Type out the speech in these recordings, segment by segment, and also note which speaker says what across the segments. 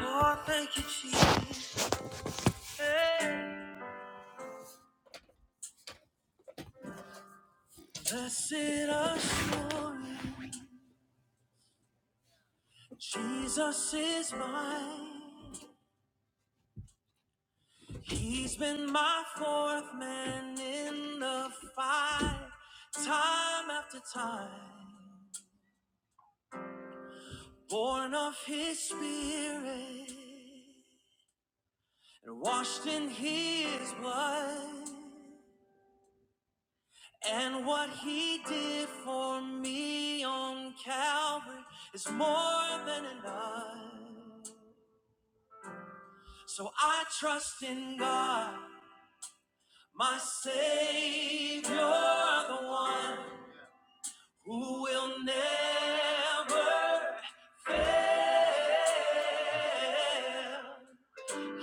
Speaker 1: Oh, thank you, Jesus. Hey. Blessed assurance, Jesus is mine. He's been my fourth man in the fight, time after time. Born of His Spirit and washed in His blood. And what he did for me on Calvary is more than enough. So I trust in God, my Savior, the one who will never fail.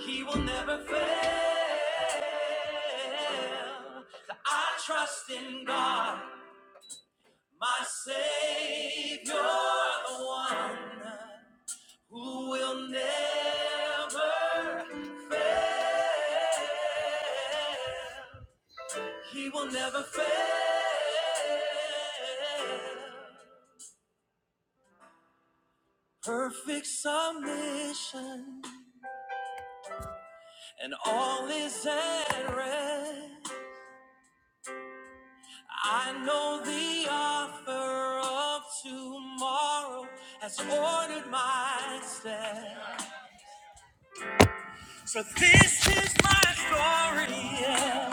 Speaker 1: He will never fail. So I trust in God, my Savior, the one. who will never fail. He will never fail. Perfect submission, and all is at rest. I know the author of tomorrow has ordered my steps. So this is my story. yeah.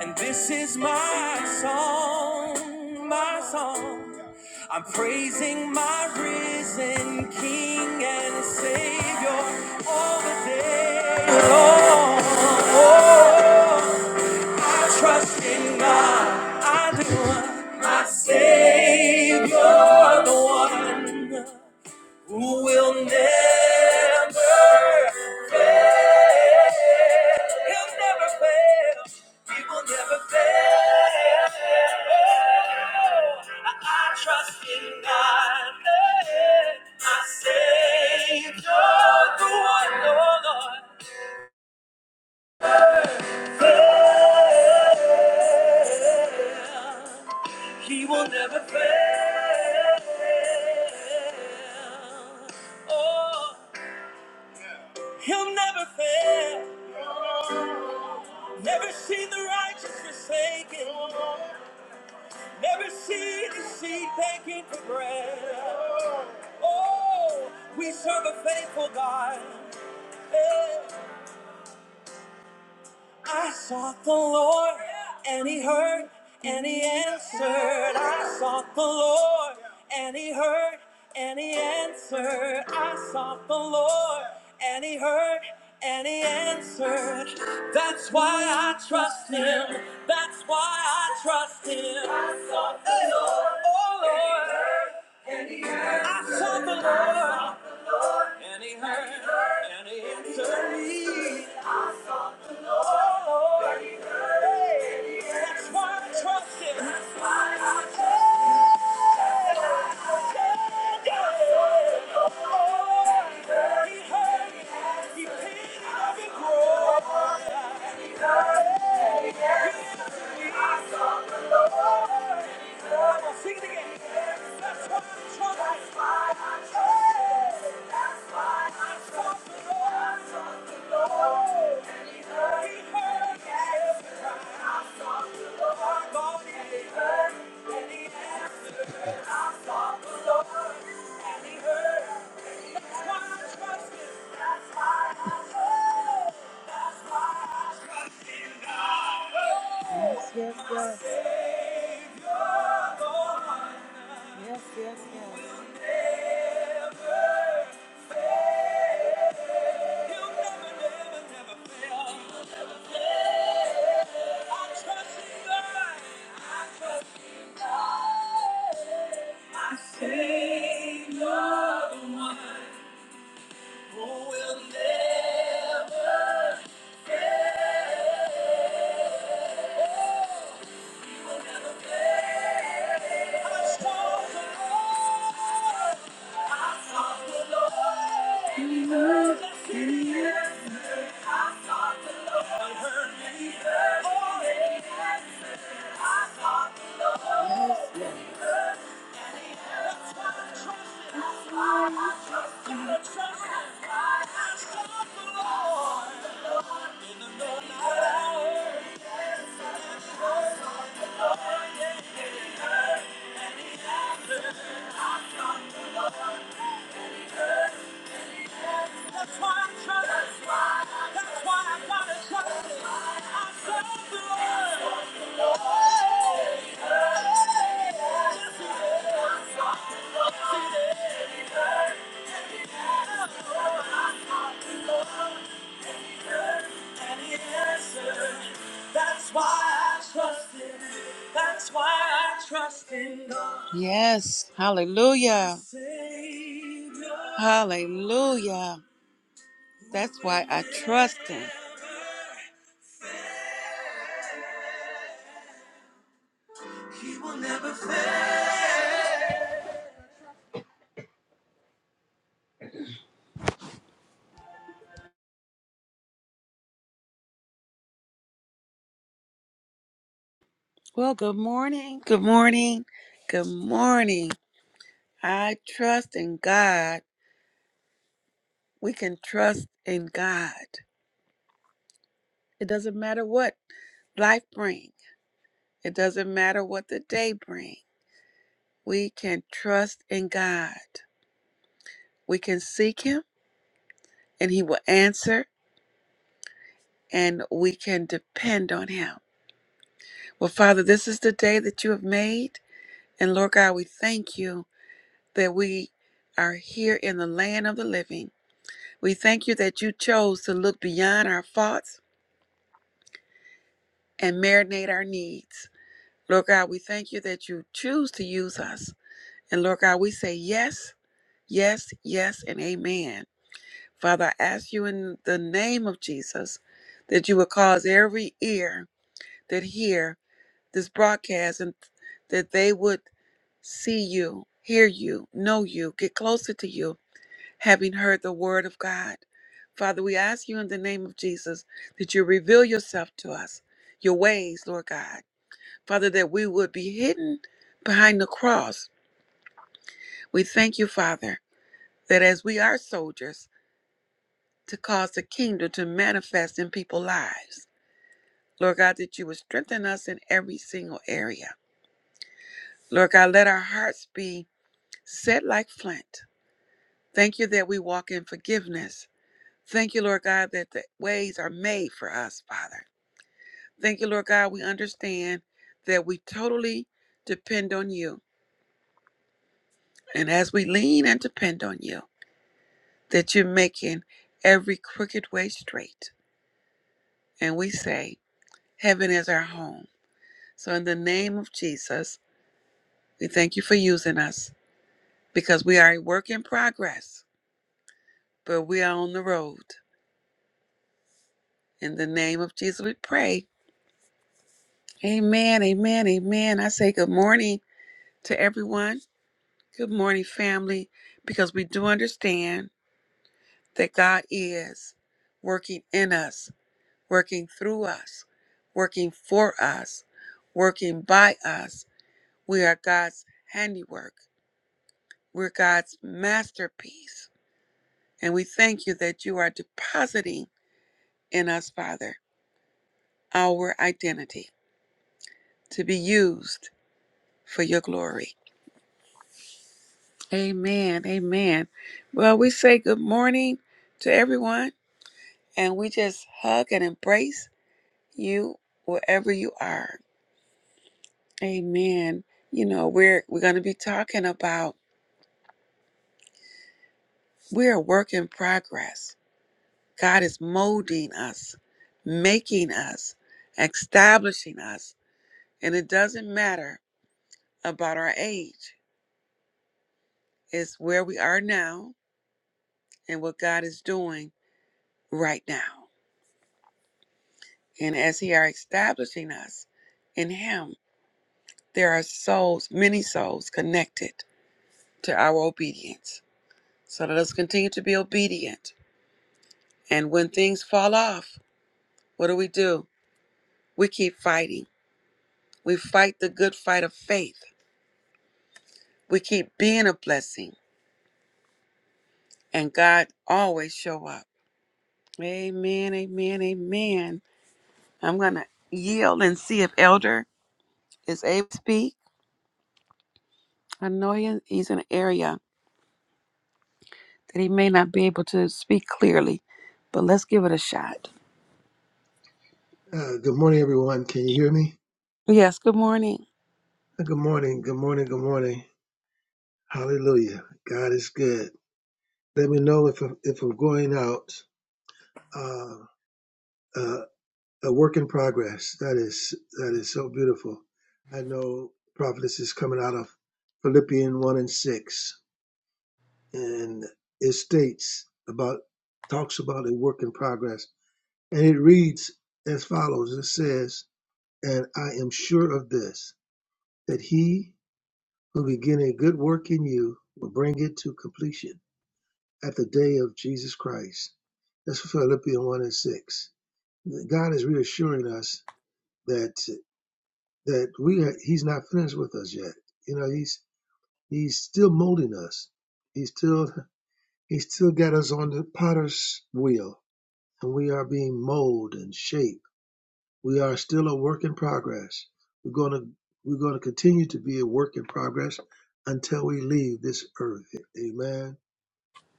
Speaker 1: And this is my song, my song. I'm praising my risen King and Savior all the day long. Oh, I trust in God, I do. My Savior, the one who will never fail. He'll never fail. He will never fail. I I trust in God, eh, my Savior, the one, oh Lord. Fail. He will never fail. Oh, he'll never fail. Never seen the righteous forsaken. Never see the seed taken for bread. Oh, we serve a faithful God. Yeah. I sought the Lord, and He heard, and He answered. I sought the Lord, and He heard, and He answered. I sought the Lord, and He heard, and He answered. That's why I trust Him. That's why I trust Him. I sought the Lord. Oh Lord. I sought the Lord, and He heard, and He answered me. Oh, that's why I trust Him. That's why I trust Him. Oh, He heard, He paid it every grow. Lord, and he heard. Yes, yes, yes, yes, yes. Trust God, I sought the Lord in the hour. Yes, hallelujah. Hallelujah. That's why I trust Him. Well, good morning. Good morning. Good morning. I trust in God. We can trust in God. It doesn't matter what life brings. It doesn't matter what the day brings. We can trust in God. We can seek him and he will answer and we can depend on him. Well, Father, this is the day that you have made. And Lord God, we thank you that we are here in the land of the living. We thank you that you chose to look beyond our faults and marinate our needs. Lord God, we thank you that you choose to use us. And Lord God, we say yes, yes, yes, and amen. Father, I ask you in the name of Jesus that you would cause every ear that hear this broadcast and that they would see you, hear you, know you, get closer to you, having heard the word of God. Father, we ask you in the name of Jesus that you reveal yourself to us, your ways, Lord God. Father, that we would be hidden behind the cross. We thank you, Father, that as we are soldiers to cause the kingdom to manifest in people's lives, Lord God, that you would strengthen us in every single area. Lord God, let our hearts be set like flint. Thank you that we walk in forgiveness. Thank you, Lord God, that the ways are made for us, Father. Thank you, Lord God, we understand that we totally depend on you. And as we lean and depend on you, that you're making every crooked way straight. And we say, Heaven is our home. So, in the name of Jesus, we thank you for using us because we are a work in progress, but we are on the road. In the name of Jesus, we pray. Amen, amen, amen. I say good morning to everyone. Good morning, family, because we do understand that God is working in us working through us, working for us, working by us. We are God's handiwork. We're God's masterpiece. And we thank you that you are depositing in us, Father, our identity to be used for your glory. Amen. Amen. Well, we say good morning to everyone and we just hug and embrace you wherever you are. Amen. You know, we're we're going to be talking about We're a work in progress. God is molding us, making us, establishing us. And it doesn't matter about our age, it's where we are now and what God is doing right now. And as He are establishing us in Him, there are souls, many souls connected to our obedience. So let us continue to be obedient. And when things fall off, what do we do? We keep fighting. We fight the good fight of faith We keep being a blessing, and God always show up. Amen, amen, amen. I'm going to yield and see if Elder is able to speak. I know he- he's in an area that he may not be able to speak clearly, but let's give it a shot.
Speaker 2: Uh, good morning, everyone. Can you hear me?
Speaker 1: Yes, good morning.
Speaker 2: Uh, Good morning. Good morning. Good morning. Hallelujah. God is good. Let me know if I'm, if I'm going out. Uh, uh, a work in progress. That is that is so beautiful. I know prophetess is coming out of Philippian one and six, and it states about talks about a work in progress, and it reads as follows. It says, "And I am sure of this, that He." who begin a good work in you will bring it to completion at the day of Jesus Christ. That's Philippians 1 and 6. God is reassuring us that that we are, He's not finished with us yet. You know, He's He's still molding us. He's still He's still got us on the potter's wheel, and we are being molded and shaped. We are still a work in progress. We're gonna we're gonna continue to be a work in progress until we leave this earth. Amen.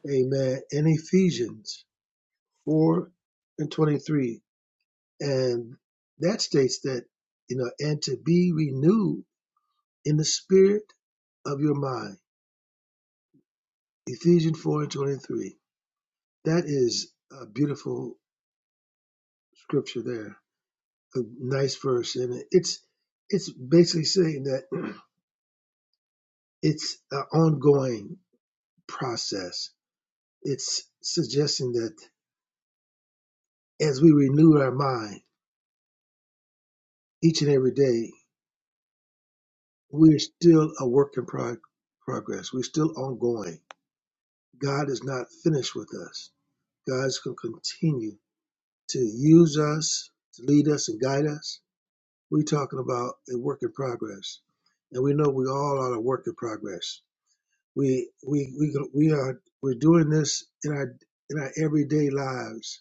Speaker 2: Amen. In Ephesians 4 and 23. And that states that, you know, and to be renewed in the spirit of your mind. Ephesians 4 and 23. That is a beautiful scripture there, a nice verse. And it's, it's basically saying that it's an ongoing process. It's suggesting that as we renew our mind each and every day, We're still a work in prog- progress. We're still ongoing. God is not finished with us. God's going to continue to use us, to lead us and guide us. We're talking about a work in progress, and we know we all are a work in progress. We we we go- we are we're doing this in our in our everyday lives.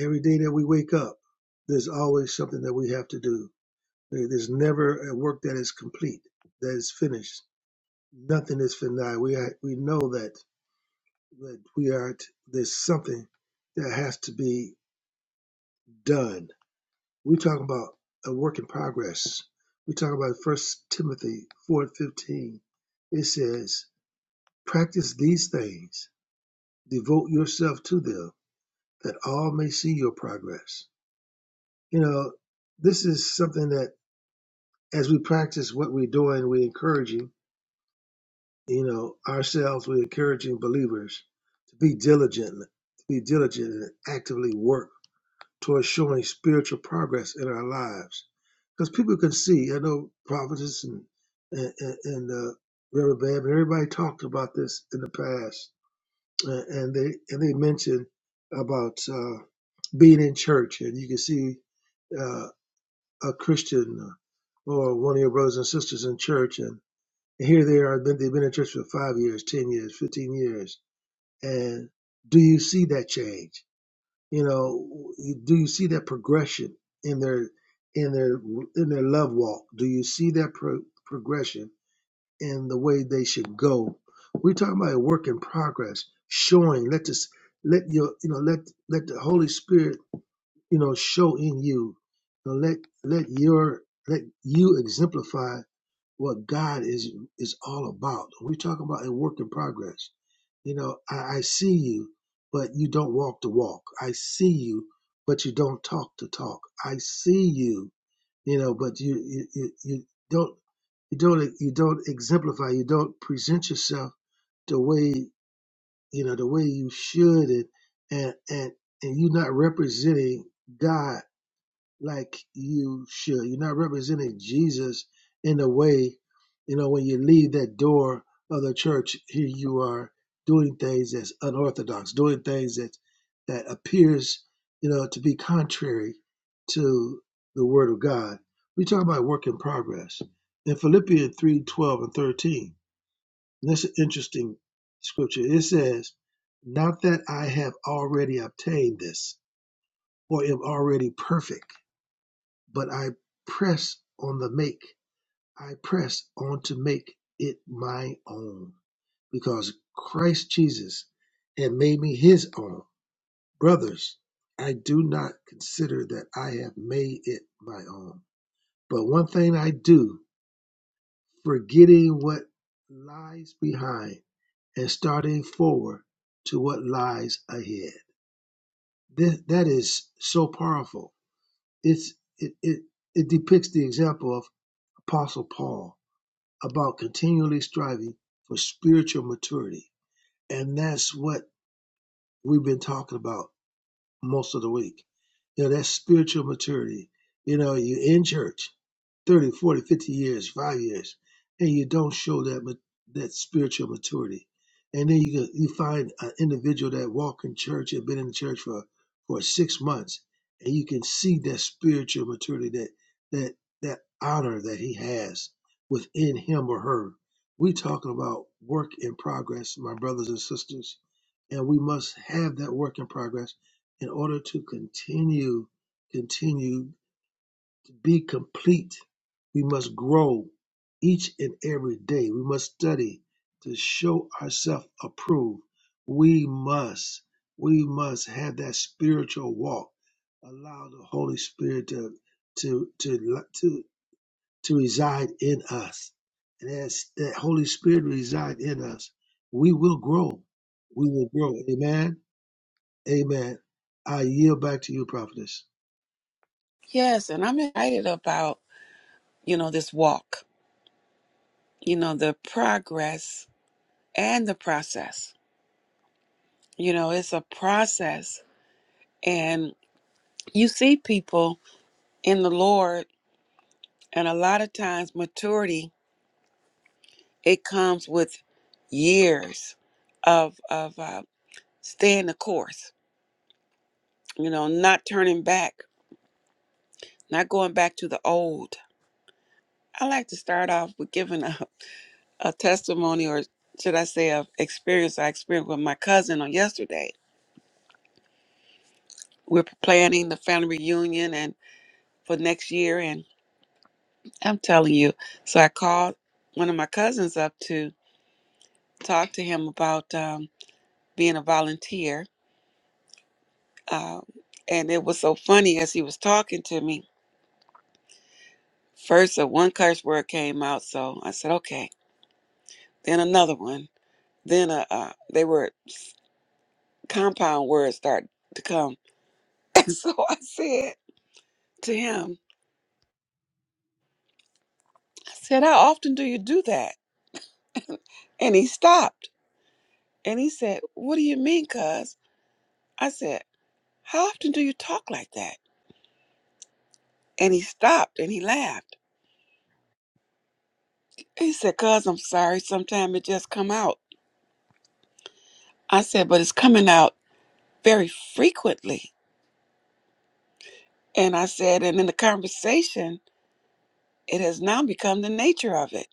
Speaker 2: Every day that we wake up, there's always something that we have to do. There- There's never a work that is complete, that is finished nothing is denied. We are, we know that that we are t- there's something that has to be done. We're talking about a work in progress. We talk about First Timothy four and fifteen. It says, "Practice these things, devote yourself to them, that all may see your progress." You know, this is something that as we practice what we're doing, we're encouraging you know, ourselves, we're encouraging believers to be diligent, to be diligent and actively work towards showing spiritual progress in our lives. Because people can see, I know prophets and, and, and, and uh, Reverend Bab, and everybody talked about this in the past, uh, and they and they mentioned about uh, being in church, and you can see uh, a Christian or one of your brothers and sisters in church, and. Here they are, been, they've been in church for five years, 10 years, 15 years. And do you see that change? You know, do you see that progression in their, in their, in their love walk? Do you see that pro- progression in the way they should go? We're talking about a work in progress, showing, let this, let your, you know, let, let the Holy Spirit, you know, show in you. You know, let, let your, let you exemplify what God is is all about. we talk about a work in progress. You know, I, I see you, but you don't walk the walk. I see you, but you don't talk the talk. I see you, you know, but you you, you, you don't you don't you don't exemplify. You don't present yourself the way you know the way you should, and and and, and you're not representing God like you should. You're not representing Jesus in a way, you know, when you leave that door of the church, here you are doing things that's unorthodox, doing things that that appears, you know, to be contrary to the word of God. We talk about work in progress. In Philippians 3, 12 and 13, and that's an interesting scripture. It says, Not that I have already obtained this or am already perfect but I press on the make. I press on to make it my own because Christ Jesus had made me his own. Brothers, I do not consider that I have made it my own. But one thing I do, forgetting what lies behind and starting forward to what lies ahead. This, that is so powerful. It's, it, it, it depicts the example of Apostle Paul about continually striving for spiritual maturity. And that's what we've been talking about most of the week. You know, that's spiritual maturity. You know, you're in church. 30, 40, 50 years, five years, and you don't show that ma- that spiritual maturity. And then you go- you find an individual that walk in church and been in the church for for six months, and you can see that spiritual maturity, that that that honor that he has within him or her. We talking about work in progress, my brothers and sisters, and we must have that work in progress in order to continue continue be complete. We must grow each and every day. We must study to show ourselves approved. We must, we must have that spiritual walk. Allow the Holy Spirit to to to to, to reside in us. And as that Holy Spirit reside in us, we will grow. We will grow. Amen. Amen. I yield back to you, prophetess.
Speaker 1: Yes, and I'm excited about, you know, this walk, you know, the progress and the process. You know, it's a process. And you see people in the Lord And a lot of times, maturity it comes with years of of uh, staying the course. You know, not turning back, not going back to the old. I like to start off with giving a, a testimony, or should I say, of experience I experienced with my cousin on yesterday. We're planning the family reunion and for next year, and I'm telling you. So I called one of my cousins up to talk to him about um, being a volunteer Um, and it was so funny as he was talking to me. First, a one curse word came out, so I said, "Okay." Then another one. Then a uh, they were compound words started to come, and so I said to him, "I said, how often do you do that?" And he stopped, and he said, "What do you mean, Cuz?" I said, "How often do you talk like that?" And he stopped, and he laughed. He said, "Cuz, I'm sorry. Sometimes it just come out." I said, "But it's coming out very frequently." And I said, and in the conversation, it has now become the nature of it.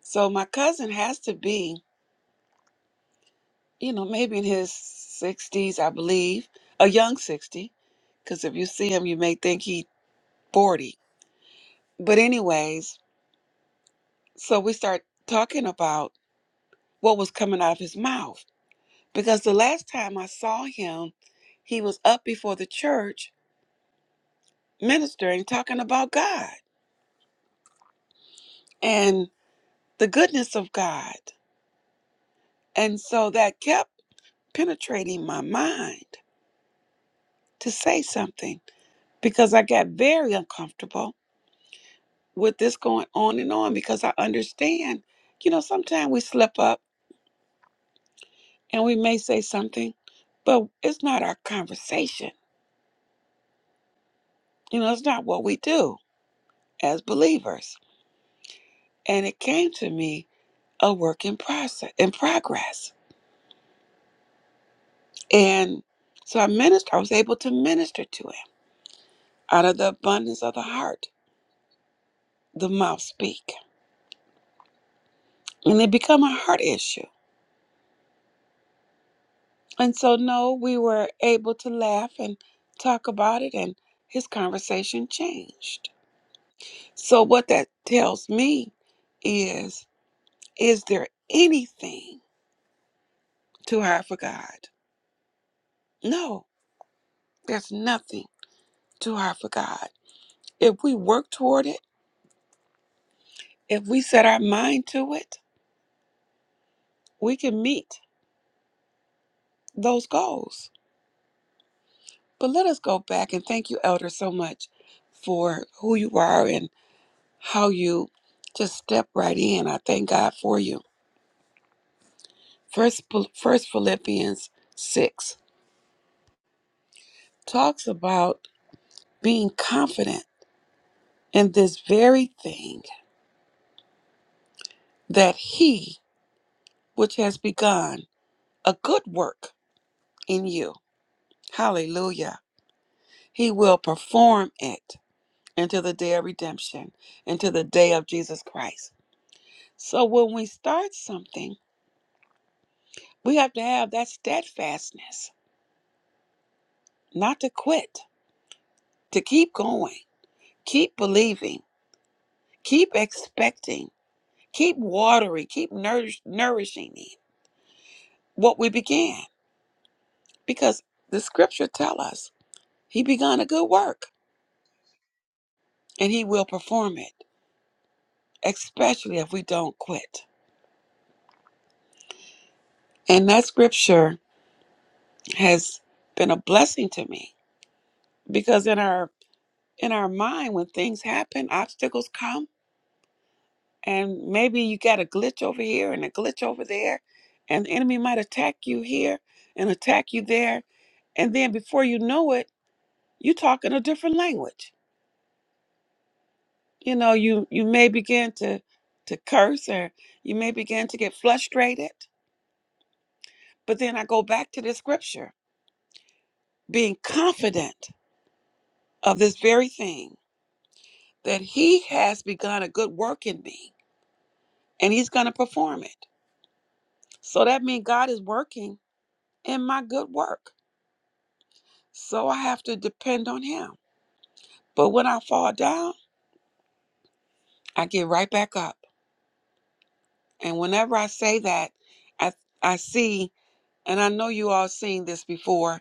Speaker 1: So my cousin has to be, you know, maybe in his 60s, I believe, a young 60, because if you see him, you may think he 40. But, anyways, so we start talking about what was coming out of his mouth. Because the last time I saw him, he was up before the church ministering, talking about God and the goodness of God. And so that kept penetrating my mind to say something because I got very uncomfortable with this going on and on because I understand, you know, sometimes we slip up and we may say something, but it's not our conversation. You know, it's not what we do as believers. And it came to me a work in process in progress. And so I ministered, I was able to minister to him out of the abundance of the heart, the mouth speak. And it become a heart issue And so, no, we were able to laugh and talk about it, and his conversation changed. So, what that tells me is is there anything too hard for God? No, there's nothing too hard for God. If we work toward it, if we set our mind to it, we can meet those goals. But let us go back and thank you, Elder, so much for who you are and how you just step right in. I thank God for you First, First Philippians 6 talks about being confident in this very thing that he which has begun a good work in you, hallelujah, he will perform it until the day of redemption, until the day of Jesus Christ. So when we start something, we have to have that steadfastness, not to quit, to keep going, keep believing, keep expecting Keep watering, keep nourish, nourishing him what we began, because the scripture tell us he begun a good work and he will perform it, especially if we don't quit. And that scripture has been a blessing to me because in our in our mind, when things happen, obstacles come, and maybe you got a glitch over here and a glitch over there, and the enemy might attack you here and attack you there, and then before you know it, you're talking a different language you know you you may begin to to curse or you may begin to get frustrated but then i go back to the scripture being confident of this very thing that he has begun a good work in me and he's going to perform it so that means god is working in my good work so i have to depend on him but when i fall down i get right back up and whenever i say that i i see and i know you all seen this before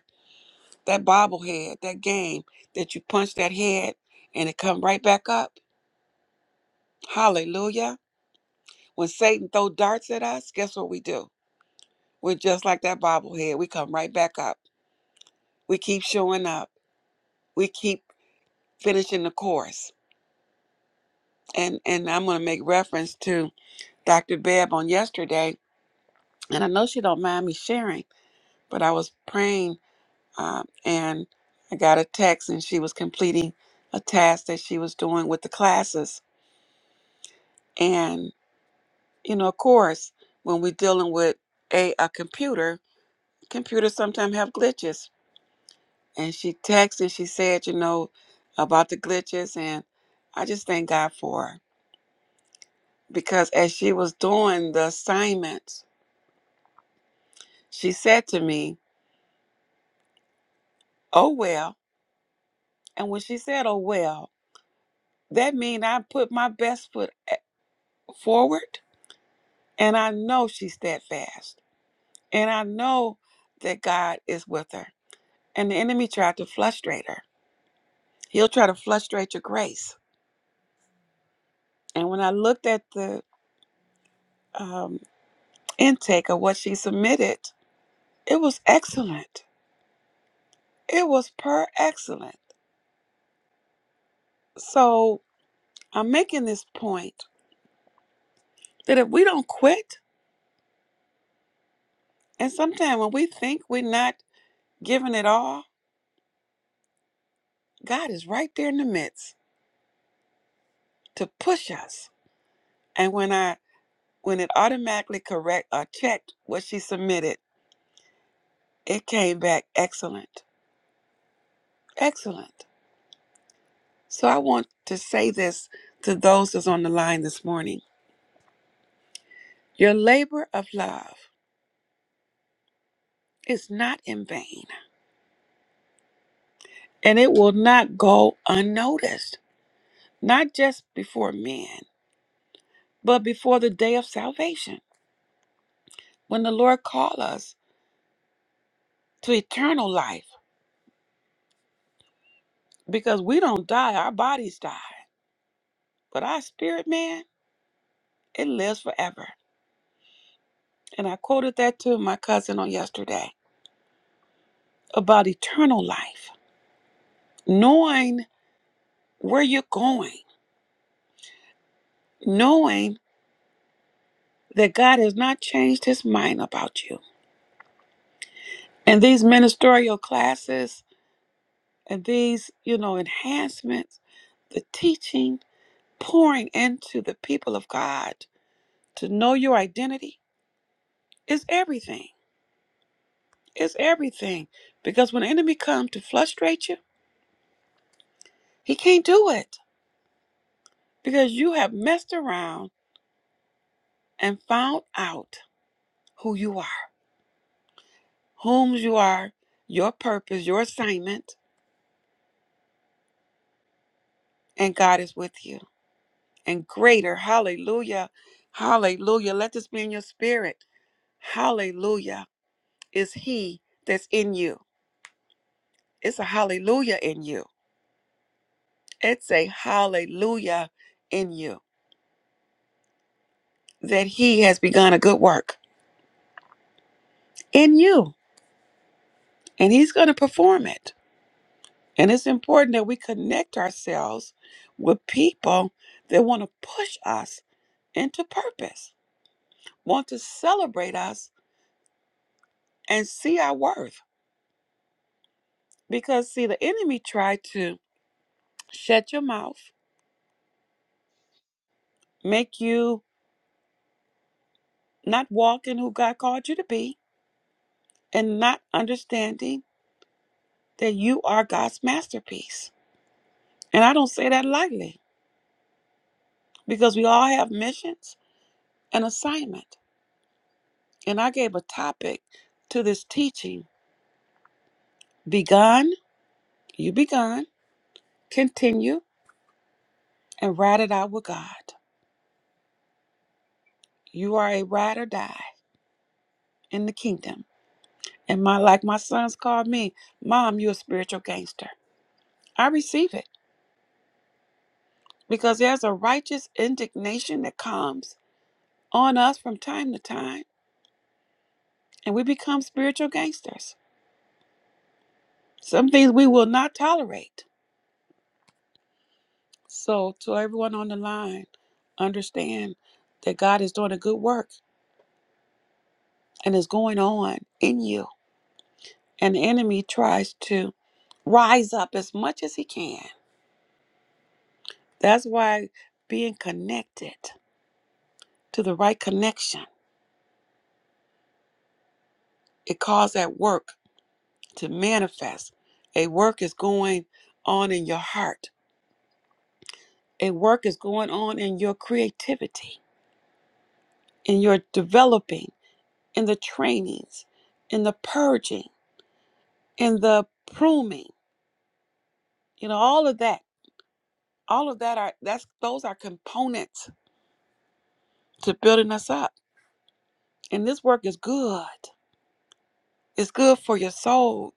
Speaker 1: that bobblehead, that game that you punch that head and it come right back up. Hallelujah. When Satan throw darts at us, guess what we do? We're just like that bobblehead. We come right back up. We keep showing up. We keep finishing the course. And and I'm gonna make reference to Dr. Bebb on yesterday, and I know she don't mind me sharing, but I was praying um, and I got a text and she was completing a task that she was doing with the classes. and. you know, of course, when we're dealing with a, a computer, computers sometimes have glitches. And she texted, she said, you know, about the glitches. And I just thank God for her. Because as she was doing the assignments, she said to me, oh, well. And when she said, oh, well, that means I put my best foot a- forward. And I know she's steadfast. And I know that God is with her. And the enemy tried to frustrate her He'll try to frustrate your grace. And when I looked at the um, intake of what she submitted, it was excellent. It was per excellent. So I'm making this point that if we don't quit, and sometimes when we think we're not giving it all, God is right there in the midst to push us. And when I when it automatically correct or checked what she submitted, it came back excellent. Excellent. So I want to say this to those that's on the line this morning. Your labor of love is not in vain, and it will not go unnoticed, not just before men, but before the day of salvation, when the Lord call us to eternal life, because we don't die, our bodies die, but our spirit man, it lives forever. And I quoted that to my cousin on yesterday about eternal life, knowing where you're going, knowing that God has not changed his mind about you. And these ministerial classes and these, you know, enhancements, the teaching, pouring into the people of God to know your identity is everything. It's everything. Because when the enemy comes to frustrate you, he can't do it because you have messed around and found out who you are, whom you are, your purpose, your assignment, and God is with you. and greater. Hallelujah. Hallelujah. Let this be in your spirit. Hallelujah is he that's in you. It's a hallelujah in you. It's a hallelujah in you that he has begun a good work in you and he's going to perform it. And it's important that we connect ourselves with people that want to push us into purpose, want to celebrate us and see our worth. Because, see, the enemy tried to shut your mouth, make you not walk in who God called you to be, and not understanding that you are God's masterpiece. And I don't say that lightly because we all have missions and assignment. And I gave a topic to this teaching begun, you begun, continue, and ride it out with God. You are a ride or die in the kingdom. And my like my sons called me, Mom, you're a spiritual gangster. I receive it. because there's a righteous indignation that comes on us from time to time, and we become spiritual gangsters. Some things we will not tolerate. So, to everyone on the line, understand that God is doing a good work and is going on in you, and the enemy tries to rise up as much as he can. That's why being connected to the right connection, it calls that work to manifest. A work is going on in your heart a work is going on in your creativity, in your developing, in the trainings, in the purging, in the pruning, you know, all of that. All of that are that's those are components to building us up. And this work is good. It's good for your soul.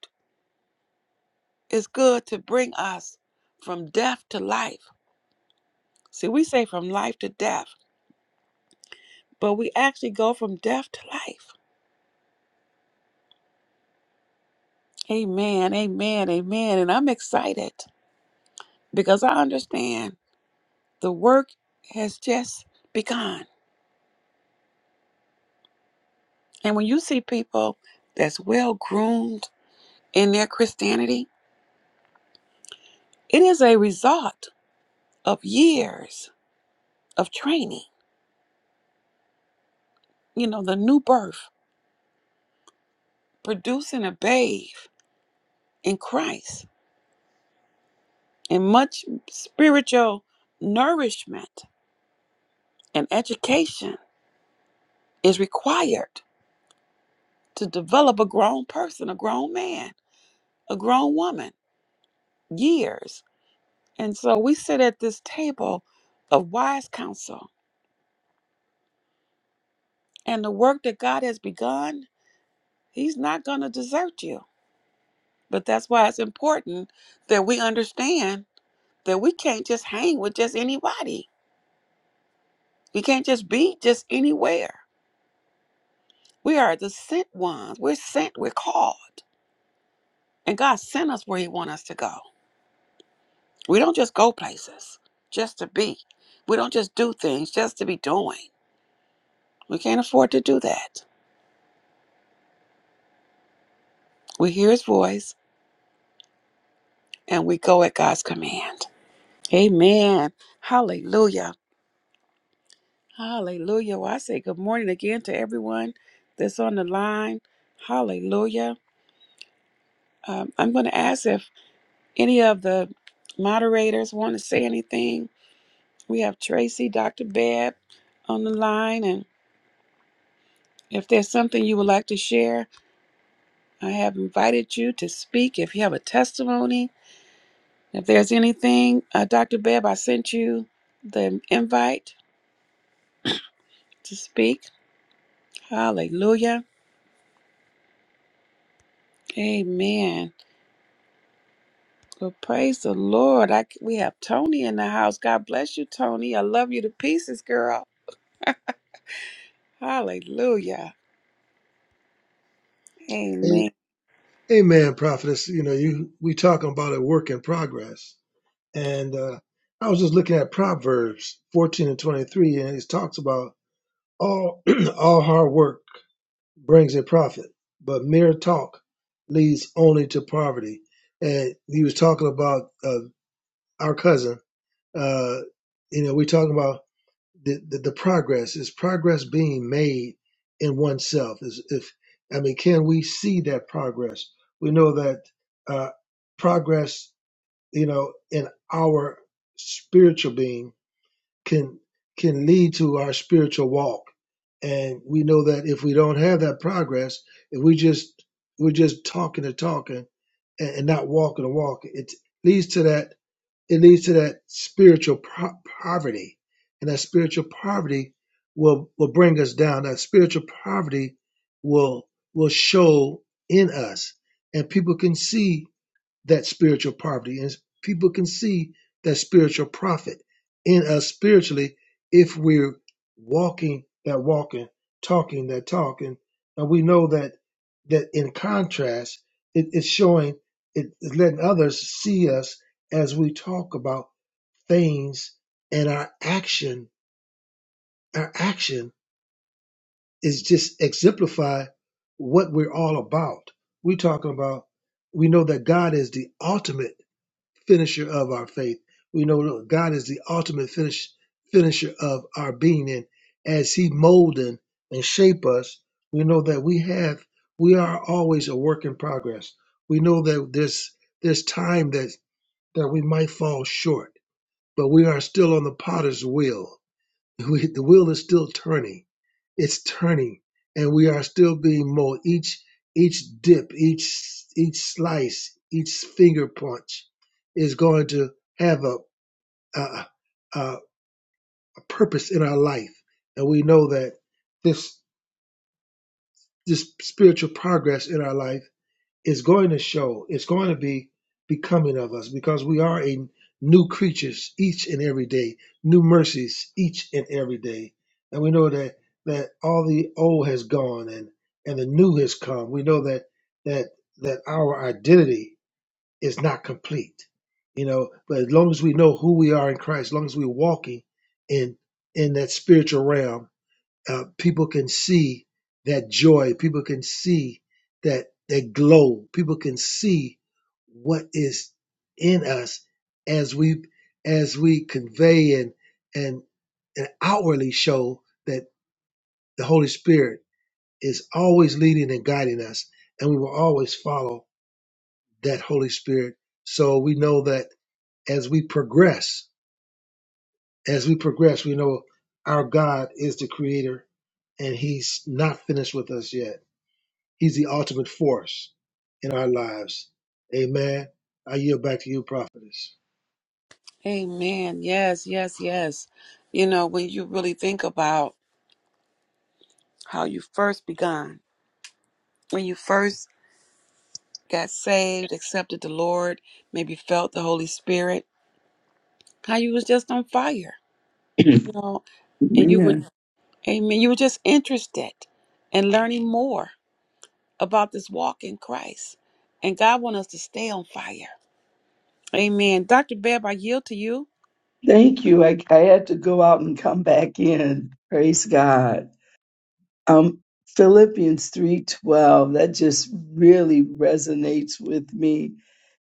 Speaker 1: It's good to bring us from death to life. See, we say from life to death, but we actually go from death to life. Amen. Amen. Amen. And I'm excited because I understand the work has just begun. And when you see people that's well groomed in their Christianity, it is a result of years of training, you know, the new birth, producing a babe in Christ, and much spiritual nourishment and education is required to develop a grown person, a grown man, a grown woman, years. And so we sit at this table of wise counsel And the work that God has begun, He's not going to desert you. But that's why it's important that we understand that we can't just hang with just anybody. We can't just be just anywhere. We are the sent ones. We're sent, we're called. And God sent us where He wants us to go. We don't just go places just to be. We don't just do things just to be doing. We can't afford to do that. We hear His voice and we go at God's command. Amen. Hallelujah. Hallelujah. Well, I say good morning again to everyone that's on the line. Hallelujah. Um, I'm going to ask if any of the moderators want to say anything. We have Tracy, Dr. Bab on the line. And if there's something you would like to share, I have invited you to speak. If you have a testimony, if there's anything, uh, Dr. Bab, I sent you the invite to speak. Hallelujah. Amen. Well, praise the Lord. I, c- we have Tony in the house. God bless you, Tony. I love you to pieces, girl. Hallelujah. Amen.
Speaker 2: Amen, prophetess. You know, you we talking about a work in progress, and uh, I was just looking at Proverbs fourteen and twenty three, and it talks about all all hard work brings a profit, but mere talk leads only to poverty. And he was talking about uh, our cousin. Uh, you know, we talking about the, the, the progress is progress being made in oneself is if i mean can we see that progress we know that uh, progress you know in our spiritual being can can lead to our spiritual walk and we know that if we don't have that progress if we just we're just talking and talking and, and not walking and walking it leads to that it leads to that spiritual po- poverty, and that spiritual poverty will will bring us down. That spiritual poverty will will show in us, and people can see that spiritual poverty and people can see that spiritual profit in us spiritually if we're walking that walking talking that talking and we know that that in contrast it, it's showing it, it's letting others see us as we talk about things and our action our action is just exemplify what we're all about we're talking about we know that god is the ultimate finisher of our faith. We know God is the ultimate finish, finisher of our being, and as He molding and and shape us, we know that we have we are always a work in progress. We know that there's there's time that that we might fall short, but we are still on the Potter's wheel, we, the wheel is still turning. It's turning, and we are still being molded. Each each dip, each each slice, each finger punch is going to have a a, a, a purpose in our life, and we know that this this spiritual progress in our life is going to show. It's going to be becoming of us because we are a new creatures each and every day, new mercies each and every day. And we know that that all the old has gone and and the new has come. We know that that that our identity is not complete. You know, but as long as we know who we are in Christ, as long as we're walking in in that spiritual realm, uh, people can see that joy. People can see that that glow. People can see what is in us as we as we convey and and, and outwardly show that the Holy Spirit is always leading and guiding us, and we will always follow that Holy Spirit. So we know that as we progress, as we progress, we know our God is the Creator, and He's not finished with us yet He's the ultimate force in our lives. Amen. I yield back to you, prophetess.
Speaker 1: Amen. Yes, yes, yes. You know, when you really think about how you first begun, when you first got saved, accepted the Lord, maybe felt the Holy Spirit, how you was just on fire. You know, and you were,
Speaker 3: Man,
Speaker 1: amen, you were just interested in learning more about this walk in Christ. And God wants us to stay on fire. Amen. Dr. Beb, I yield to you.
Speaker 3: thank you. I, I had to go out and come back in. Praise God. Um, Philippians 3:12, that just really resonates with me.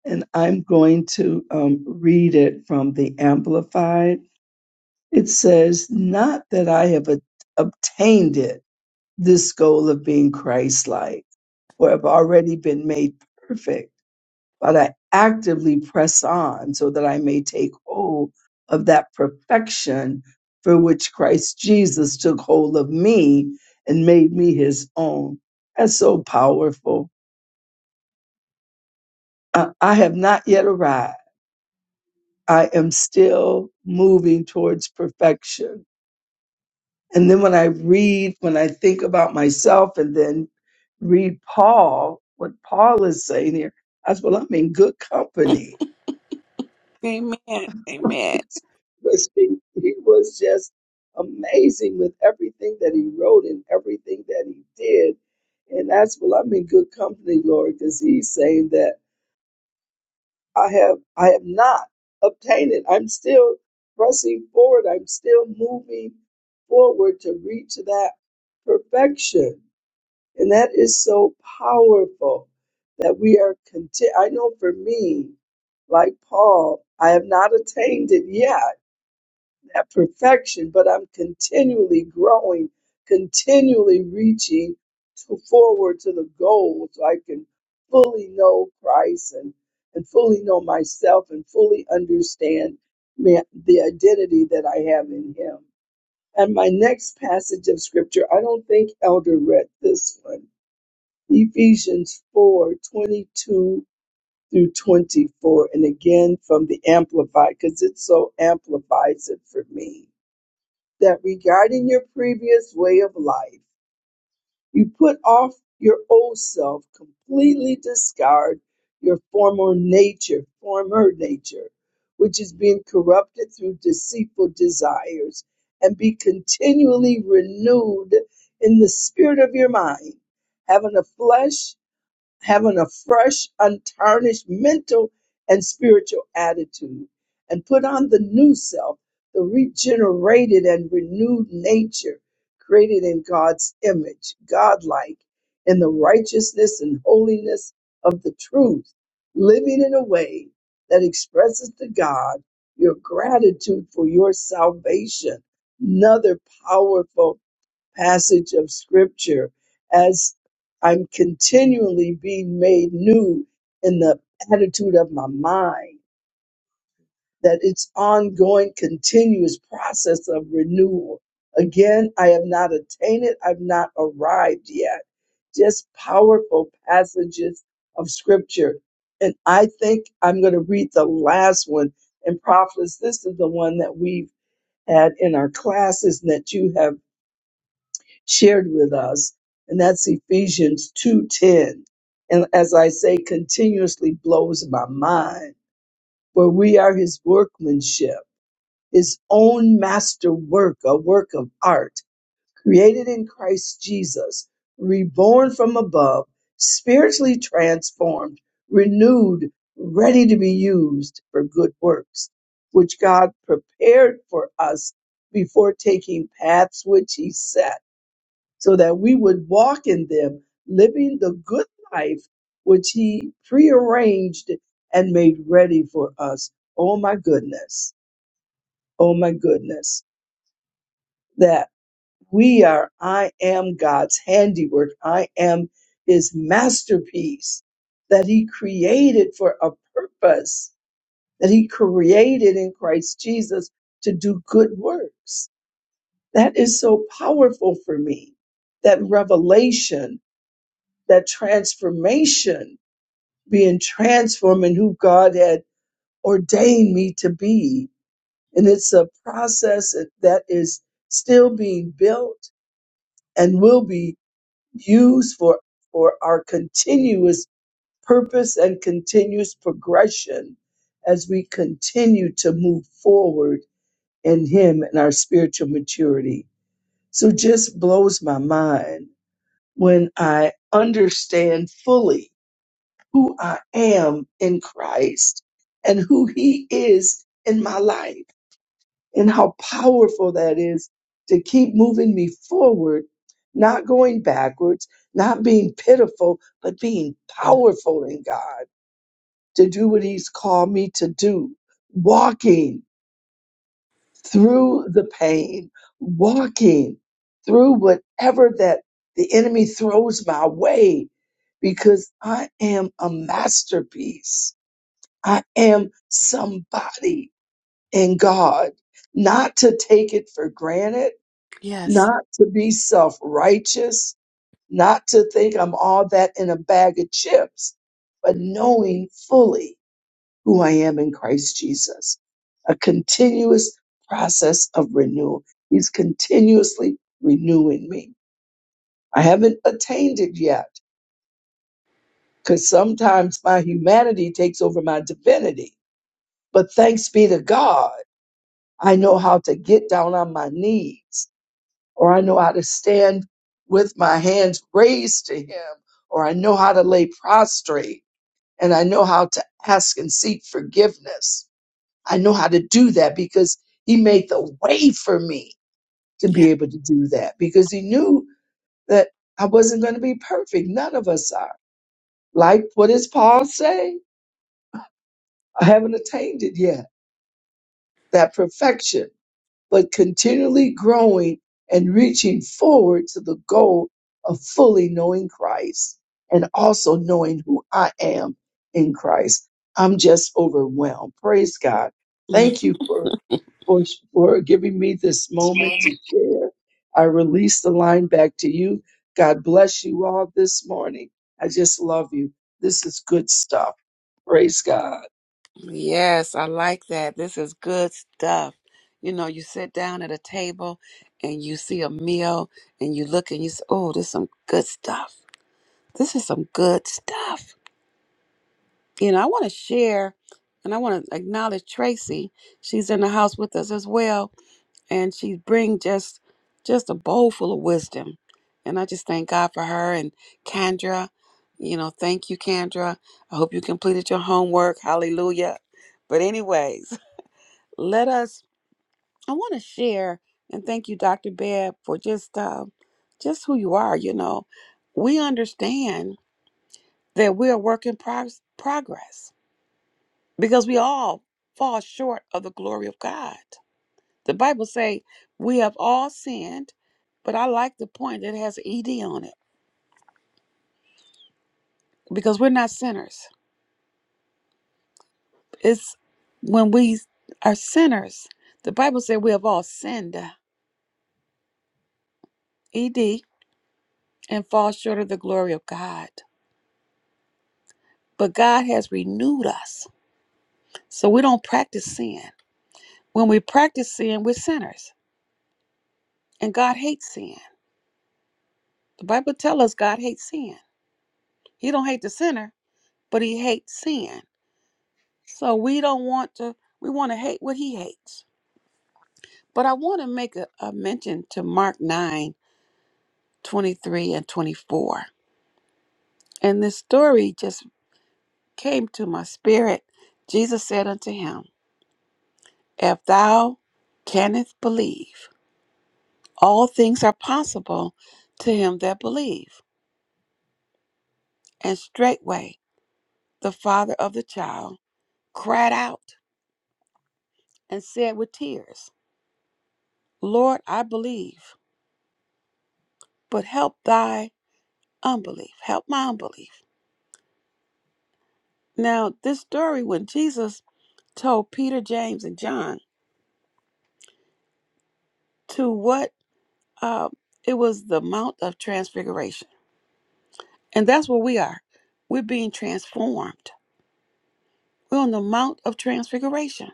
Speaker 3: And I'm going to um, read it from the Amplified. It says, Not that I have a- obtained it, this goal of being Christ like, or have already been made perfect But I actively press on so that I may take hold of that perfection for which Christ Jesus took hold of me and made me his own. That's so powerful. I, I have not yet arrived. I am still moving towards perfection. And then when I read, when I think about myself and then read Paul, what Paul is saying here, I said, well, I'm in good company
Speaker 1: Amen. Amen.
Speaker 3: was he, he was just amazing with everything that he wrote and everything that he did. And that's well, I'm in good company, Lord, because he's saying that I have I have not obtained it. I'm still pressing forward. I'm still moving forward to reach that perfection. And that is so powerful that we are content. I know for me, like Paul, I have not attained it yet that perfection, but I'm continually growing, continually reaching to forward to the goal so I can fully know Christ and, and fully know myself and fully understand ma- the identity that I have in Him. And my next passage of scripture, I don't think Elder read this one Ephesians 4 22 through 24. And again from the Amplified, because it so amplifies it for me that regarding your previous way of life, you put off your old self, completely discard your former nature, former nature, which is being corrupted through deceitful desires, and be continually renewed in the spirit of your mind, having a flesh having a fresh, untarnished mental and spiritual attitude, and put on the new self, the regenerated and renewed nature created in God's image, godlike, in the righteousness and holiness of the truth, living in a way that expresses to God your gratitude for your salvation. Another powerful passage of scripture as I'm continually being made new in the attitude of my mind, that it's ongoing, continuous process of renewal. Again, I have not attained it, I've not arrived yet. Just powerful passages of scripture. And I think I'm going to read the last one. And prophets, this is the one that we've had in our classes and that you have shared with us, and that's Ephesians 2:10. And as I say, continuously blows my mind, where we are his workmanship, his own masterwork, a work of art, created in Christ Jesus, reborn from above, spiritually transformed, renewed, ready to be used for good works, which God prepared for us before taking paths which he set so that we would walk in them, living the good life which He prearranged and made ready for us. Oh my goodness. Oh my goodness. That we are, I am God's handiwork. I am His masterpiece that He created for a purpose, that He created in Christ Jesus to do good works. That is so powerful for me. That revelation that transformation, being transformed in who God had ordained me to be. And it's a process that is still being built and will be used for, for our continuous purpose and continuous progression as we continue to move forward in Him and our spiritual maturity. So just blows my mind when I understand fully who I am in Christ and who He is in my life, and how powerful that is to keep moving me forward, not going backwards, not being pitiful, but being powerful in God to do what He's called me to do, walking through the pain, walking through whatever that the enemy throws my way, because I am a masterpiece I am somebody in God, not to take it for granted,
Speaker 1: Yes.
Speaker 3: not to be self righteous, not to think I'm all that in a bag of chips, but knowing fully who I am in Christ Jesus. A continuous process of renewal. He's continuously renewing me. I haven't attained it yet because sometimes my humanity takes over my divinity. But thanks be to God. I know how to get down on my knees, or I know how to stand with my hands raised to Him, or I know how to lay prostrate, and I know how to ask and seek forgiveness. I know how to do that because He made the way for me to
Speaker 1: Yeah.
Speaker 3: be able to do that because He knew that I wasn't going to be perfect. None of us are. Like, what does Paul say? I haven't attained it yet, that perfection. but continually growing and reaching forward to the goal of fully knowing Christ and also knowing who I am in Christ. I'm just overwhelmed. Praise God.
Speaker 1: Mm.
Speaker 3: Thank you for, for, for giving me this moment to share. I release the line back to you. God bless you all this morning. I just love you. This is good stuff. Praise God.
Speaker 1: Yes, I like that. This is good stuff. You know, you sit down at a table and you see a meal and you look and you say, oh, this is some good stuff. This is some good stuff. You know, I want to share and I want to acknowledge Tracy. She's in the house with us as well. and she bring just just a bowl full of wisdom and i just thank god for her and kendra you know thank you kendra i hope you completed your homework hallelujah but anyways let us i want to share and thank you dr beb for just uh, just who you are you know we understand that we are work in prog- progress because we all fall short of the glory of god The Bible say we have all sinned, but I like the point that has ed on it because we're not sinners. It's when we are sinners. The Bible say we have all sinned, ed, and fall short of the glory of God. But God has renewed us, so we don't practice sin. When we practice sin, we're sinners, and God hates sin. The Bible tells us God hates sin. He don't hate the sinner, but He hates sin. So we don't want to. We want to hate what He hates. But I want to make a, a mention to Mark 9 23 and 24. And this story just came to my spirit. Jesus said unto him, If thou canst believe, all things are possible to him that believe. And straightway the father of the child cried out and said with tears, Lord, I believe, but help thy unbelief. Help my unbelief. Now, this story when Jesus told Peter, James, and John to what uh, it was the Mount of Transfiguration. And that's where we are. We're being transformed. We're on the Mount of Transfiguration.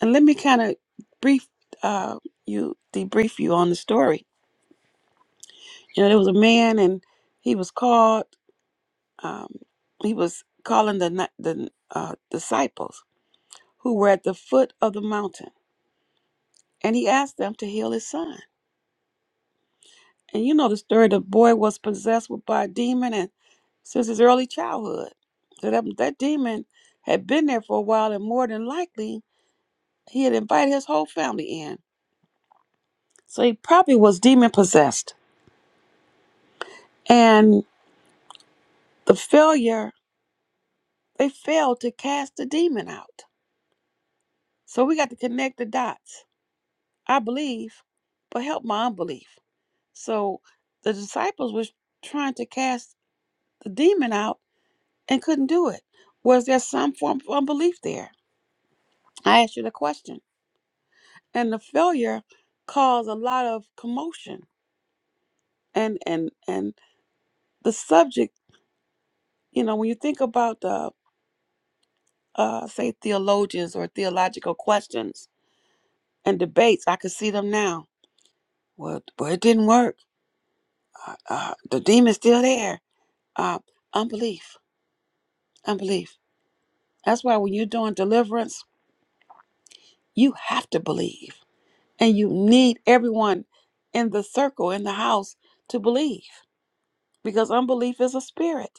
Speaker 1: And let me kind of brief uh, you, debrief you on the story. You know, there was a man, and he was called. Um, he was calling the ni- the uh, disciples who were at the foot of the mountain, and he asked them to heal his son. And you know the story, the boy was possessed with by a demon and since his early childhood. So that, that demon had been there for a while and more than likely he had invited his whole family in. So he probably was demon possessed. And the failure, they failed to cast the demon out. So we got to connect the dots. I believe, but help my unbelief. So the disciples was trying to cast the demon out and couldn't do it. Was there some form of unbelief there? I asked you the question. And the failure caused a lot of commotion. And and and the subject, you know, when you think about the uh say theologians or theological questions and debates, I can see them now. Well, well it didn't work. Uh, uh, the demon's still there. Uh, unbelief, unbelief. That's why when you're doing deliverance, you have to believe, and you need everyone in the circle in the house to believe because unbelief is a spirit.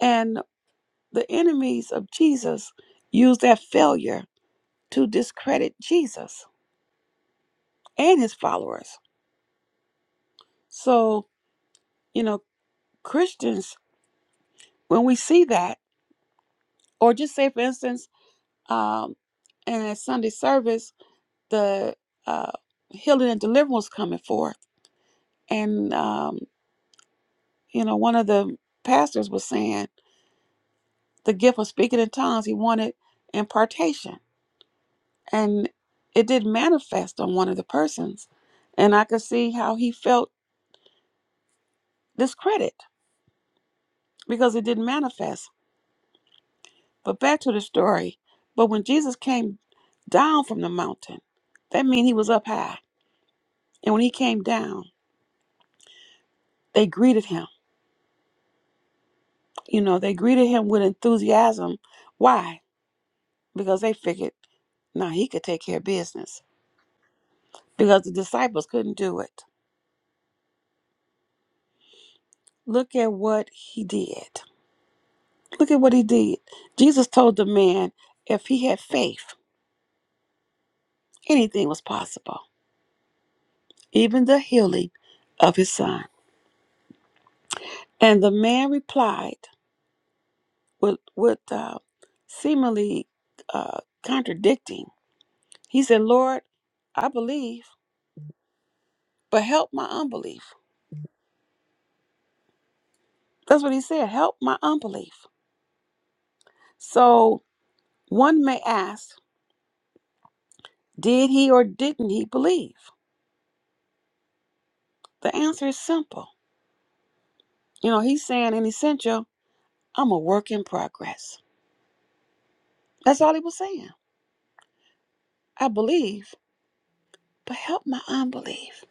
Speaker 1: And the enemies of Jesus used that failure to discredit Jesus and his followers. So, you know, Christians, when we see that, or just say, for instance, um, and at Sunday service, the uh, healing and deliverance coming forth. And, um, you know, one of the pastors was saying the gift of speaking in tongues, he wanted impartation. And it did manifest on one of the persons. And I could see how he felt this credit because it didn't manifest. But back to the story. But when Jesus came down from the mountain, that means he was up high. And when he came down, they greeted him. You know, they greeted him with enthusiasm. Why? Because they figured, now he could take care of business because the disciples couldn't do it. Look at what he did. Look at what he did. Jesus told the man if he had faith, anything was possible, even the healing of his son. And the man replied with, with uh, seemingly uh, contradicting. He said, Lord, I believe, but help my unbelief. That's what he said. Help my unbelief. So one may ask, did he or didn't he believe? The answer is simple. You know, he's saying in essential, I'm a work in progress. That's all he was saying. I believe, but help my unbelief.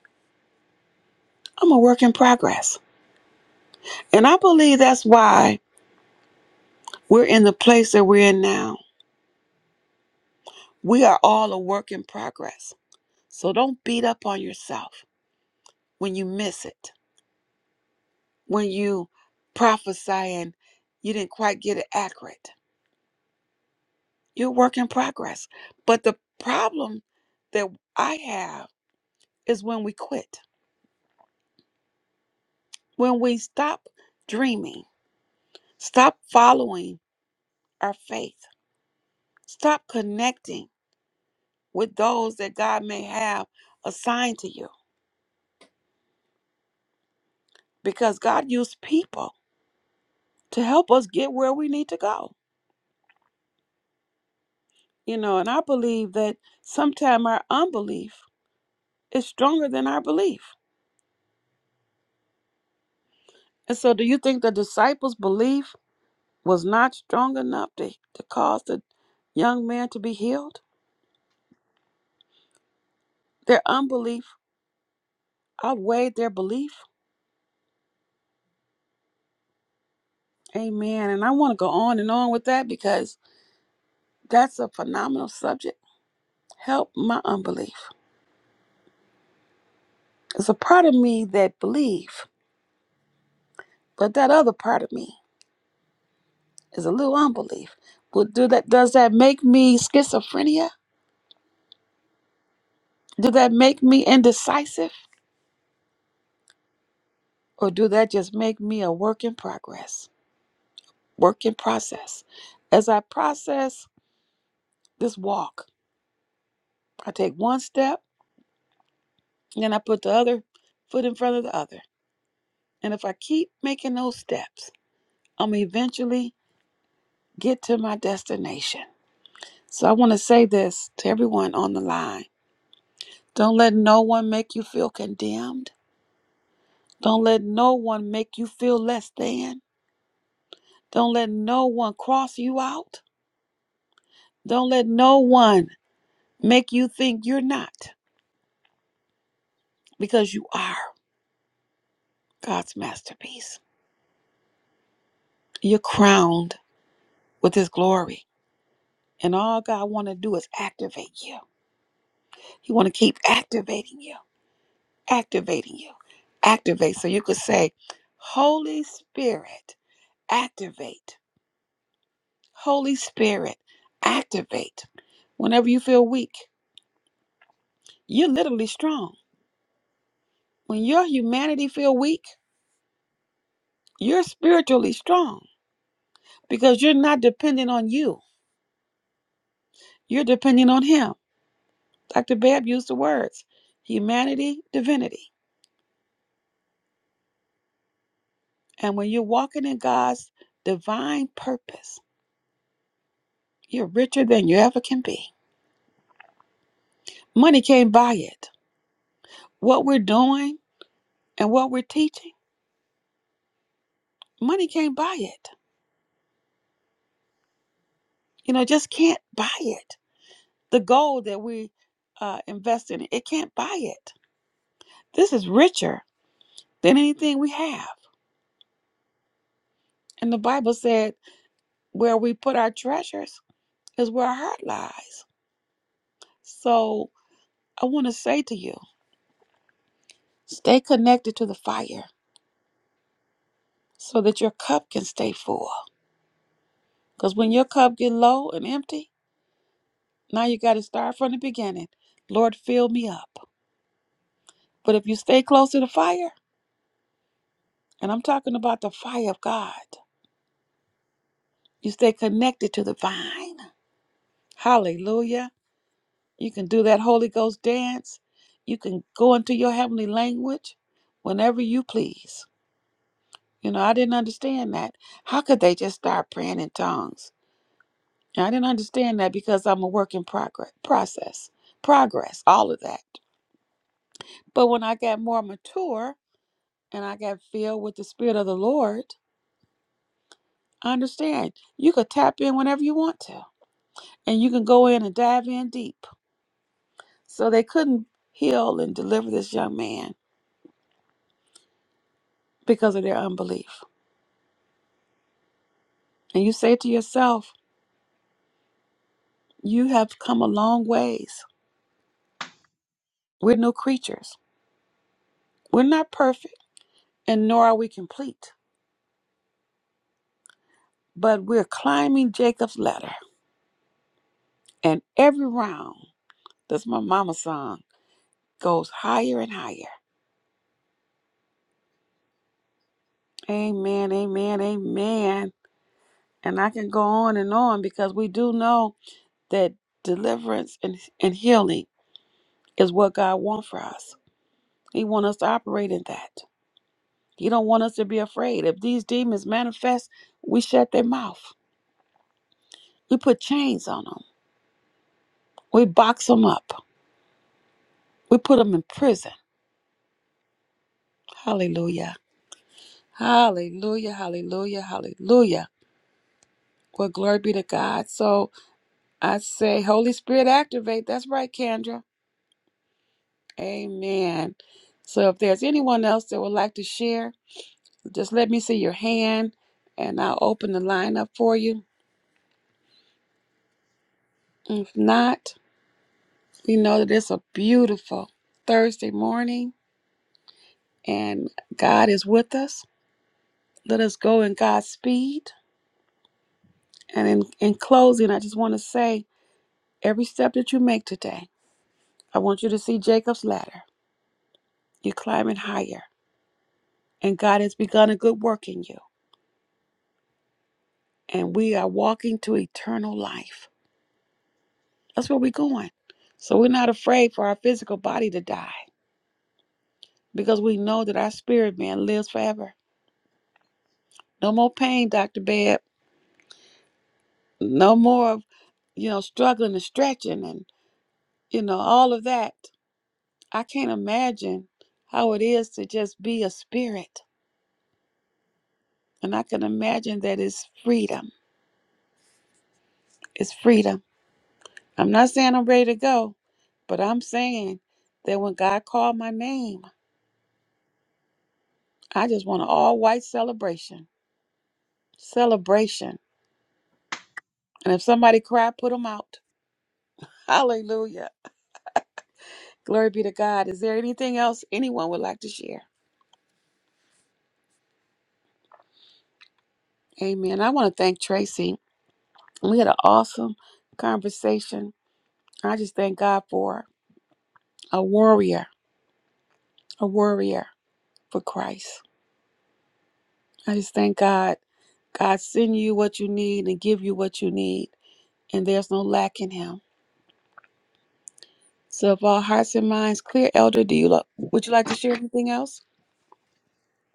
Speaker 1: I'm a work in progress. And I believe that's why We're in the place that we're in now. We are all a work in progress. So don't beat up on yourself when you miss it, when you prophesy and you didn't quite get it accurate. You're a work in progress. But the problem that I have is when we quit, when we stop dreaming, stop following our faith, stop connecting with those that God may have assigned to you. Because God used people to help us get where we need to go. You know, and I believe that sometimes our unbelief is stronger than our belief. And so, do you think the disciples' belief was not strong enough to, to cause the young man to be healed? Their unbelief outweighed their belief. Amen. And I want to go on and on with that because that's a phenomenal subject. Help my unbelief. It's a part of me that believe, but that other part of me is a little unbelief. But do that does that make me schizophrenia? Do that make me indecisive? Or do that just make me a work in progress? Work in process. As I process this walk, I take one step and then I put the other foot in front of the other. And if I keep making those steps, I'm eventually get to my destination. So I want to say this to everyone on the line. Don't let no one make you feel condemned. Don't let no one make you feel less than. Don't let no one cross you out. Don't let no one make you think you're not, because you are God's masterpiece. You're crowned with His glory. And all God want to do is activate you. He want to keep activating you, activating you, activate. So you could say, Holy Spirit, activate. Holy Spirit, activate. Whenever you feel weak, you're literally strong When your humanity feel weak, you're spiritually strong because you're not dependent on you. You're depending on him. Dr. Babb used the words humanity, divinity. And when you're walking in God's divine purpose, you're richer than you ever can be. Money can't buy it. What we're doing and what we're teaching, money can't buy it. You know, just can't buy it. The gold that we uh, invest in, it can't buy it. This is richer than anything we have. And the Bible said, where we put our treasures is where our heart lies. So I want to say to you, stay connected to the fire so that your cup can stay full. Because when your cup get low and empty, now you got to start from the beginning. Lord, fill me up. But if you stay close to the fire, and I'm talking about the fire of God, you stay connected to the vine. Hallelujah You can do that Holy Ghost dance. You can go into your heavenly language whenever you please. You know, I didn't understand that. How could they just start praying in tongues? And I didn't understand that because I'm a work in progress, process, progress, all of that. But when I got more mature and I got filled with the Spirit of the Lord, I understand you could tap in whenever you want to, and you can go in and dive in deep. So they couldn't heal and deliver this young man because of their unbelief. and you say to yourself, You have come a long ways. We're new creatures. We're not perfect, and nor are we complete, but we're climbing Jacob's ladder. And every round, that's my mama's song, goes higher and higher. Amen, amen, amen. And I can go on and on because we do know that deliverance and, and healing is what God wants for us. He wants us to operate in that. He don't want us to be afraid. If these demons manifest, we shut their mouth We put chains on them. We box them up. We put them in prison. Hallelujah. Hallelujah. Hallelujah. Hallelujah. Well, glory be to God. So I say, Holy Spirit, activate. That's right, Kendra. Amen. So if there's anyone else that would like to share, just let me see your hand and I'll open the line up for you. If not, we know that it's a beautiful Thursday morning and God is with us. Let us go in God's speed And in, in closing, I just want to say every step that you make today, I want you to see Jacob's ladder. You're climbing higher, and God has begun a good work in you. And we are walking to eternal life. That's where we're going. So we're not afraid for our physical body to die because we know that our spirit man lives forever. No more pain, Dr. Beb. No more of, you know, struggling and stretching and, you know, all of that. I can't imagine how it is to just be a spirit And I can imagine that it's freedom. It's freedom. I'm not saying I'm ready to go, but I'm saying that when God called my name, I just want an all white celebration. Celebration. And if somebody cried, put them out. Hallelujah. Glory be to God. Is there anything else anyone would like to share? Amen. I want to thank Tracy. We had an awesome conversation. I just thank God for a warrior, a warrior for Christ. I just thank God. God send you what you need and give you what you need, and there's no lack in Him. So, if all hearts and minds clear, Elder, do you lo- would you like to share anything else?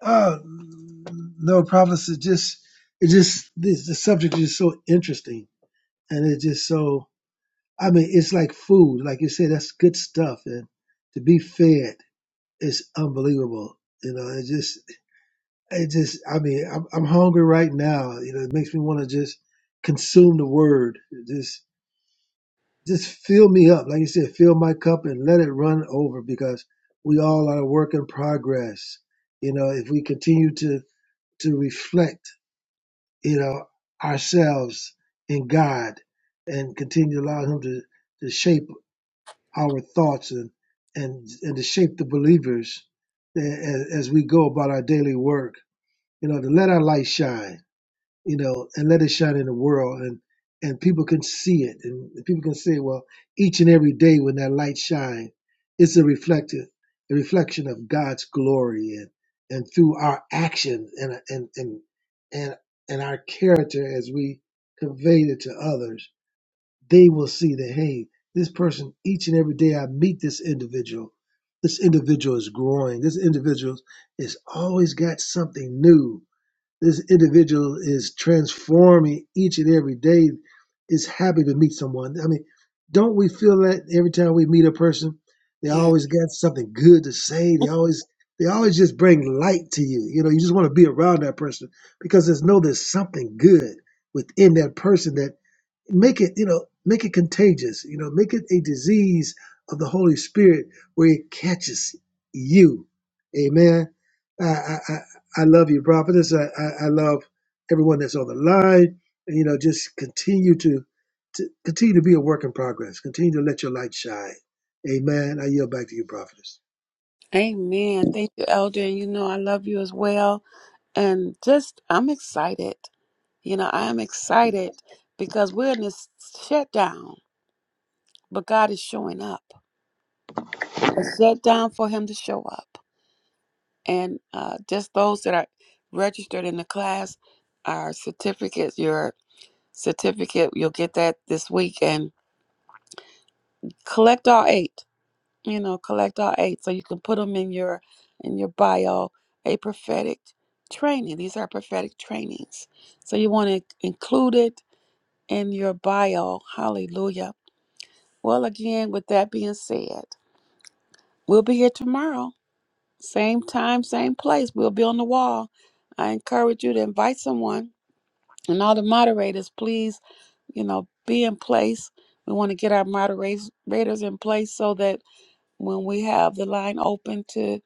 Speaker 2: Oh, no, prophetess, it just, it just, this, the subject is so interesting. And it's just so, I mean, it's like food. Like you said, that's good stuff. And to be fed is unbelievable. You know, it just, it just, I mean, I'm, I'm hungry right now. You know, it makes me want to just consume the word. Just, just fill me up, like you said, fill my cup and let it run over because we all are a work in progress. You know, if we continue to to reflect, you know, ourselves in God and continue to allow Him to, to shape our thoughts and and and to shape the believers a- a- as we go about our daily work. You know, to let our light shine you know, and let it shine in the world and and people can see it and people can say, well, each and every day when that light shines, it's a reflective a reflection of God's glory and and through our action and and and and, and our character as we convey it to others, they will see that hey, this person each and every day I meet this individual, this individual is growing. This individual is always got something new this individual is transforming each and every day, is happy to meet someone. I mean, don't we feel that every time we meet a person, they
Speaker 1: Yeah.
Speaker 2: always got something good to say. They always they always just bring light to you. You know, you just want to be around that person because there's no there's something good within that person that make it you know make it contagious you know make it a disease of the holy spirit where it catches you amen i i i I love you prophetess i i, I love everyone that's on the line and you know just continue to, to continue to be a work in progress continue to let your light shine amen i yield back to you prophetess
Speaker 1: Amen. Thank you, Elder. And you know I love you as well. And just I'm excited. You know, I am excited because we're in this shutdown, but God is showing up. A shutdown for Him to show up. And uh, just those that are registered in the class, our certificates, your certificate, you'll get that this week. And collect all eight. You know, collect all eight so you can put them in your in your bio. A prophetic training. These are prophetic trainings, so you want to include it in your bio. Hallelujah Well, again, with that being said, we'll be here tomorrow. Same time, same place. We'll be on the wall. I encourage you to invite someone. And all the moderators, please, you know, be in place. We want to get our moderators raters in place so that when we have the line open to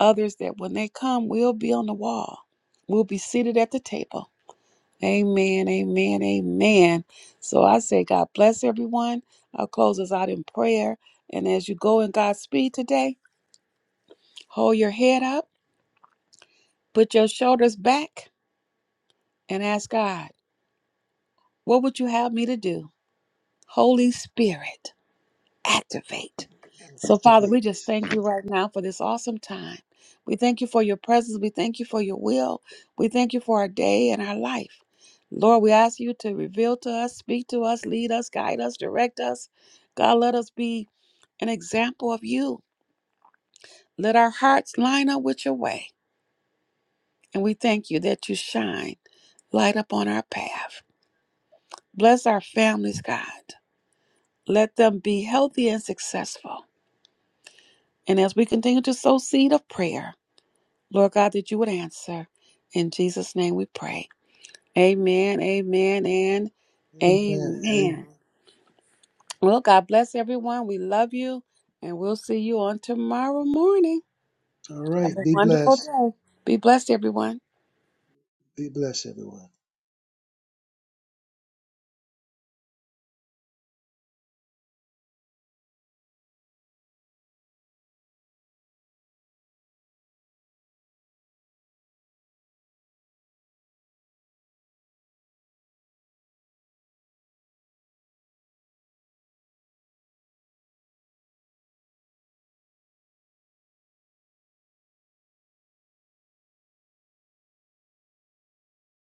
Speaker 1: others, that when they come, we'll be on the wall. We'll be seated at the table. Amen, amen, amen. So I say, God bless everyone. I'll close us out in prayer. And as you go in God's speed today, hold your head up, put your shoulders back, and ask God, What would you have me to do? Holy Spirit. activate. So, Father,
Speaker 2: Activate.
Speaker 1: we just thank you right now for this awesome time. We thank you for your presence. We thank you for your will. We thank you for our day and our life. Lord, we ask you to reveal to us, speak to us, lead us, guide us, direct us. God, let us be an example of you. Let our hearts line up with your way. And we thank you that you shine light upon our path. Bless our families, God. Let them be healthy and successful. And as we continue to sow seed of prayer, Lord God, that you would answer. In Jesus' name we pray. Amen, amen, and
Speaker 2: Amen. Amen.
Speaker 1: amen. Well, God bless everyone. We love you, and we'll see you on tomorrow morning.
Speaker 2: All
Speaker 1: Have
Speaker 2: right.
Speaker 1: a
Speaker 2: Be
Speaker 1: wonderful
Speaker 2: blessed.
Speaker 1: day. Be blessed, everyone.
Speaker 2: Be blessed, everyone.